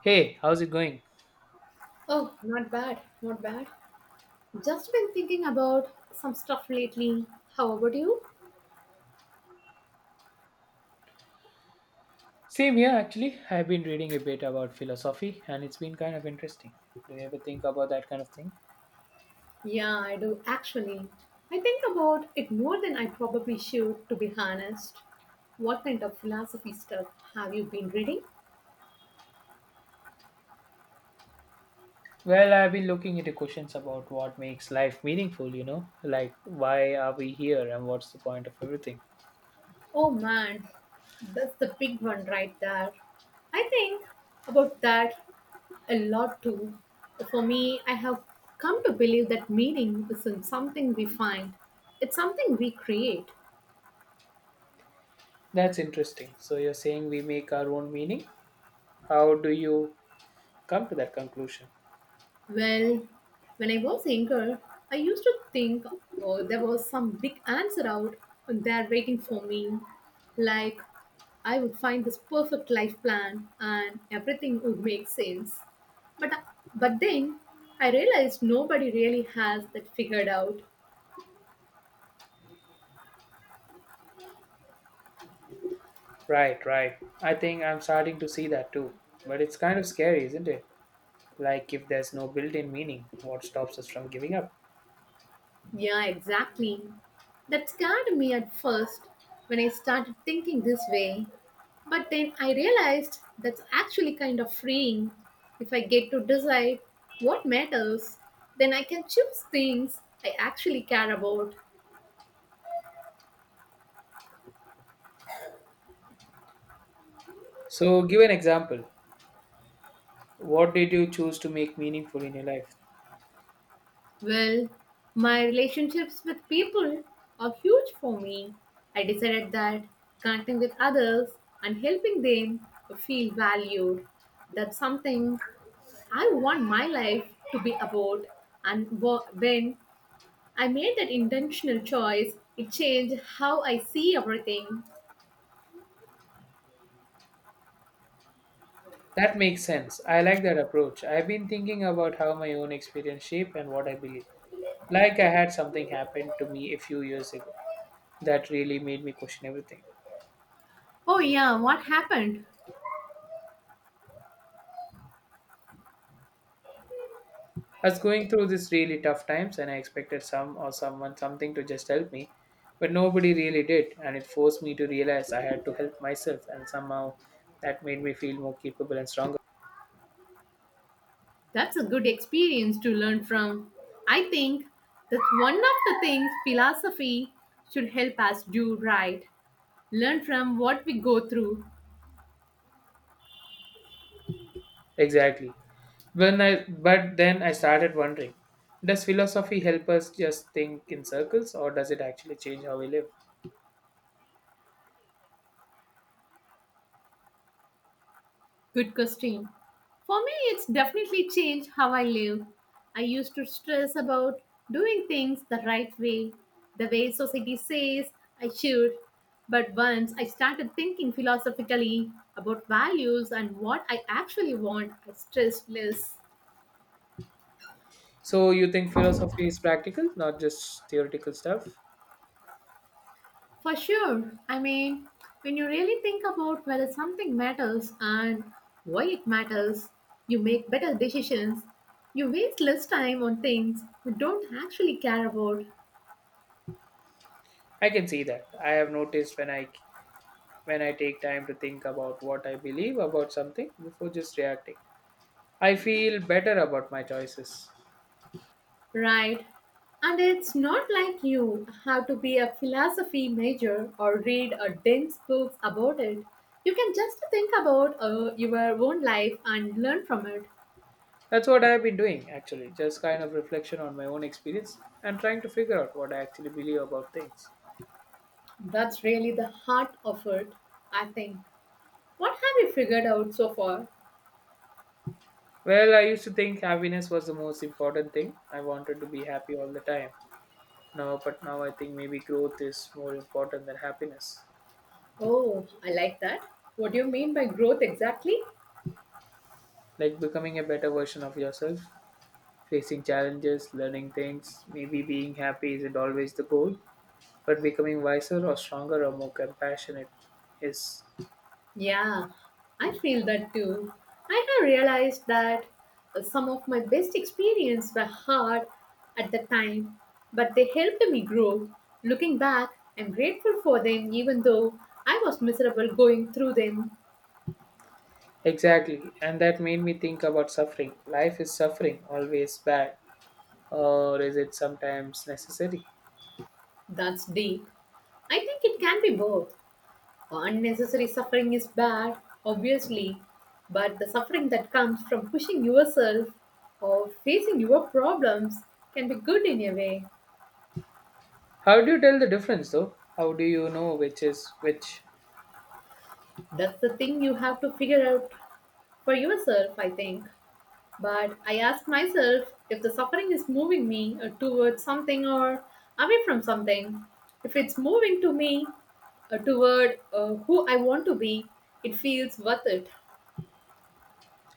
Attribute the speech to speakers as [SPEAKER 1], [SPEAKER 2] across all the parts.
[SPEAKER 1] Hey, how's it going?
[SPEAKER 2] Oh, not bad, not bad. Just been thinking about some stuff lately. How about you?
[SPEAKER 1] Same here, actually. I've been reading a bit about philosophy and it's been kind of interesting. Do you ever think about that kind of thing?
[SPEAKER 2] Yeah, I do actually. I think about it more than I probably should, to be honest. What kind of philosophy stuff have you been reading?
[SPEAKER 1] Well, I've been looking into questions about what makes life meaningful, like why are we here and what's the point of everything?
[SPEAKER 2] Oh man, that's the big one right there. I think about that a lot too. For me, I have come to believe that meaning isn't something we find, it's something we create.
[SPEAKER 1] That's interesting. So you're saying we make our own meaning? How do you come to that conclusion?
[SPEAKER 2] Well, when I was younger, I used to think oh, there was some big answer out there waiting for me. Like, I would find this perfect life plan and everything would make sense. But, but then I realized nobody really has that figured out.
[SPEAKER 1] Right, right. I think I'm starting to see that too. But it's kind of scary, isn't it? Like if there's no built in meaning, what stops us from giving up?
[SPEAKER 2] Yeah, exactly. That scared me at first when I started thinking this way. But then I realized that's actually kind of freeing. If I get to decide what matters, then I can choose things I actually care about.
[SPEAKER 1] So give an example. What did you choose to make meaningful in your life?
[SPEAKER 2] Well, my relationships with people are huge for me. I decided that connecting with others and helping them feel valued. That's something I want my life to be about, and when I made that intentional choice, it changed how I see everything.
[SPEAKER 1] That makes sense. I like that approach. I've been thinking about how my own experience shape and what I believe. Like I had something happen to me a few years ago that really made me question everything.
[SPEAKER 2] Oh, yeah, what happened?
[SPEAKER 1] I was going through this really tough times and I expected some or someone something to just help me, but nobody really did and it forced me to realize I had to help myself and somehow that made me feel more capable and stronger.
[SPEAKER 2] That's a good experience to learn from. I think that's one of the things philosophy should help us do, right? Learn from what we go through.
[SPEAKER 1] Exactly. When I but then I started wondering, does philosophy help us just think in circles or does it actually change how we live?
[SPEAKER 2] Good question. For me, it's definitely changed how I live. I used to stress about doing things the right way, the way society says I should. But once I started thinking philosophically about values and what I actually want, I stressed less.
[SPEAKER 1] So you think philosophy is practical, not just theoretical stuff?
[SPEAKER 2] For sure. I mean, when you really think about whether something matters and why it matters, you make better decisions. You waste less time on things you don't actually care about,
[SPEAKER 1] I can see that. I have noticed when I take time to think about what I believe about something before just reacting. I feel better about my choices.
[SPEAKER 2] right? And it's not like you have to be a philosophy major or read a dense books about it. You can just think about your own life and learn from it.
[SPEAKER 1] That's what I have been doing actually, just kind of reflection on my own experience and trying to figure out what I actually believe about things.
[SPEAKER 2] That's really the heart of it, I think. What have you figured out so far?
[SPEAKER 1] Well, I used to think happiness was the most important thing. I wanted to be happy all the time. But now I think maybe growth is more important than happiness.
[SPEAKER 2] Oh, I like that. What do you mean by growth exactly?
[SPEAKER 1] Like becoming a better version of yourself, facing challenges, learning things. Maybe being happy isn't always the goal, but becoming wiser or stronger or more compassionate is
[SPEAKER 2] Yeah, I feel that too. I have realized that some of my best experiences were hard at the time, but they helped me grow. Looking back, I'm grateful for them even though I was miserable going through them.
[SPEAKER 1] exactly. And that made me think about suffering. Life is suffering always bad, or is it sometimes necessary?
[SPEAKER 2] That's deep. I think it can be both. Unnecessary suffering is bad, obviously, but the suffering that comes from pushing yourself or facing your problems can be good in a way.
[SPEAKER 1] How do you tell the difference though? How do you know which is which?
[SPEAKER 2] That's the thing you have to figure out for yourself, I think. But I ask myself if the suffering is moving me towards something or away from something. If it's moving to me toward who I want to be, it feels worth it.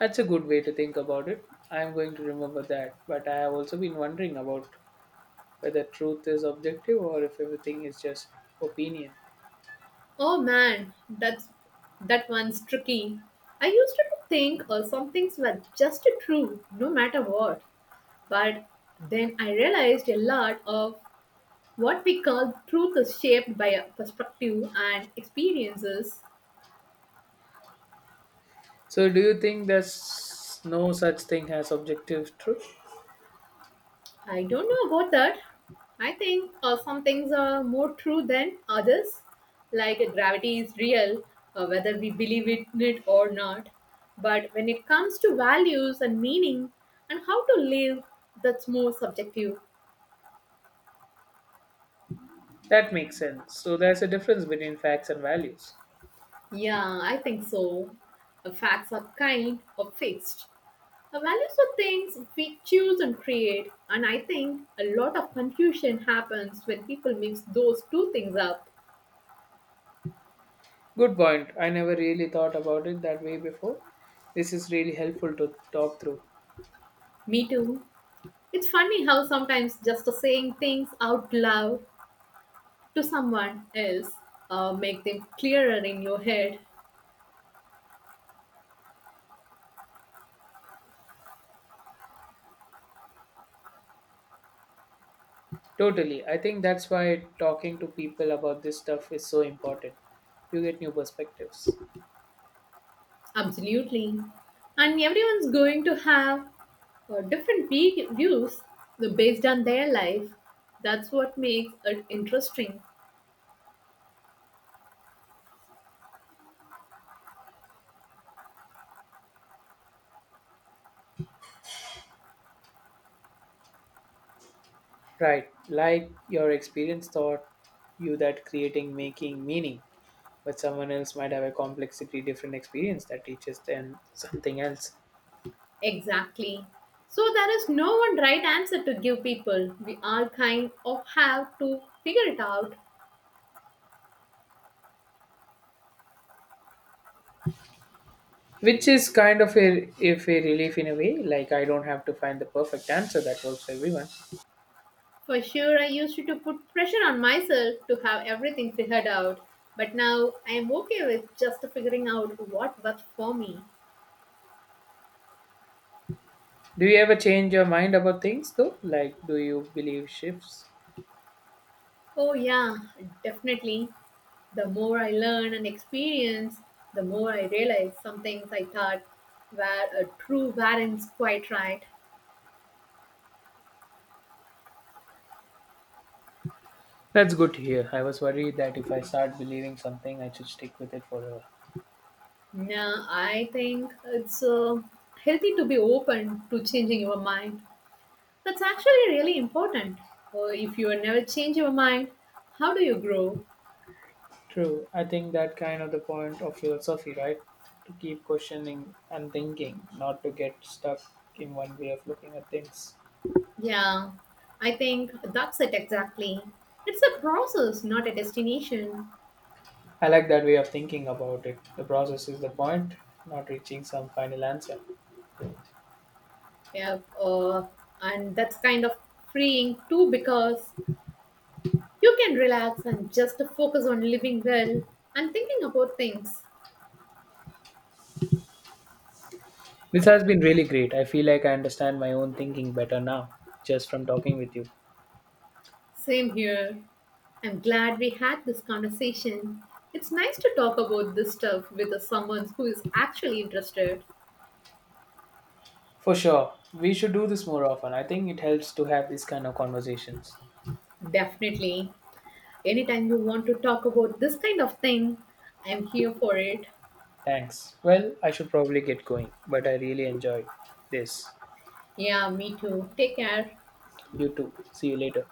[SPEAKER 1] That's a good way to think about it. I am going to remember that. But I have also been wondering about whether truth is objective or if everything is just opinion.
[SPEAKER 2] Oh man, that one's tricky. I used to think some things were just true no matter what, but then I realized a lot of what we call truth is shaped by our perspective and experiences.
[SPEAKER 1] So, do you think there's no such thing as objective truth?
[SPEAKER 2] I don't know about that. I think some things are more true than others. Like gravity is real, whether we believe it, in it or not. But when it comes to values and meaning and how to live, that's more subjective.
[SPEAKER 1] That makes sense. So, there's a difference between facts and values.
[SPEAKER 2] Yeah, I think so. Facts are kind or fixed. Values are things we choose and create. And I think a lot of confusion happens when people mix those two things up.
[SPEAKER 1] Good point. I never really thought about it that way before. This is really helpful to talk through.
[SPEAKER 2] Me too. It's funny how sometimes just saying things out loud to someone else make them clearer in your head.
[SPEAKER 1] Totally. I think that's why talking to people about this stuff is so important. You get new perspectives.
[SPEAKER 2] Absolutely. And everyone's going to have different views based on their life. That's what makes it interesting.
[SPEAKER 1] Right. Like your experience taught you that creating making meaning, but someone else might have a complexity different experience that teaches them something else.
[SPEAKER 2] Exactly. So there is no one right answer to give people. We all kind of have to figure it out.
[SPEAKER 1] Which is kind of a if a relief in a way, like I don't have to find the perfect answer that works for everyone.
[SPEAKER 2] For sure, I used to put pressure on myself to have everything figured out, but now I am okay with just figuring out what works for me.
[SPEAKER 1] Do you ever change your mind about things though? Like do you believe shifts?
[SPEAKER 2] Oh, yeah, definitely. The more I learn and experience, the more I realize some things I thought were a true weren't quite right.
[SPEAKER 1] That's good to hear. I was worried that if I start believing something, I should stick with it forever.
[SPEAKER 2] Now, I think it's healthy to be open to changing your mind. That's actually really important. If you never change your mind, how do you grow?
[SPEAKER 1] True. I think that kind of the point of philosophy, right? To keep questioning and thinking, not to get stuck in one way of looking at things.
[SPEAKER 2] Yeah, I think that's it exactly. It's a process, not a destination.
[SPEAKER 1] I like that way of thinking about it. The process is the point, not reaching some final answer.
[SPEAKER 2] Yeah, and that's kind of freeing too because you can relax and just focus on living well and thinking about things.
[SPEAKER 1] This has been really great. I feel like I understand my own thinking better now, just from talking with you.
[SPEAKER 2] Same here. I'm glad we had this conversation. It's nice to talk about this stuff with someone who is actually interested.
[SPEAKER 1] For sure. We should do this more often. I think it helps to have these kind of conversations.
[SPEAKER 2] Definitely. Anytime you want to talk about this kind of thing, I'm here for it.
[SPEAKER 1] Thanks. Well, I should probably get going, but I really enjoyed this.
[SPEAKER 2] Yeah, me too. Take care.
[SPEAKER 1] You too. See you later.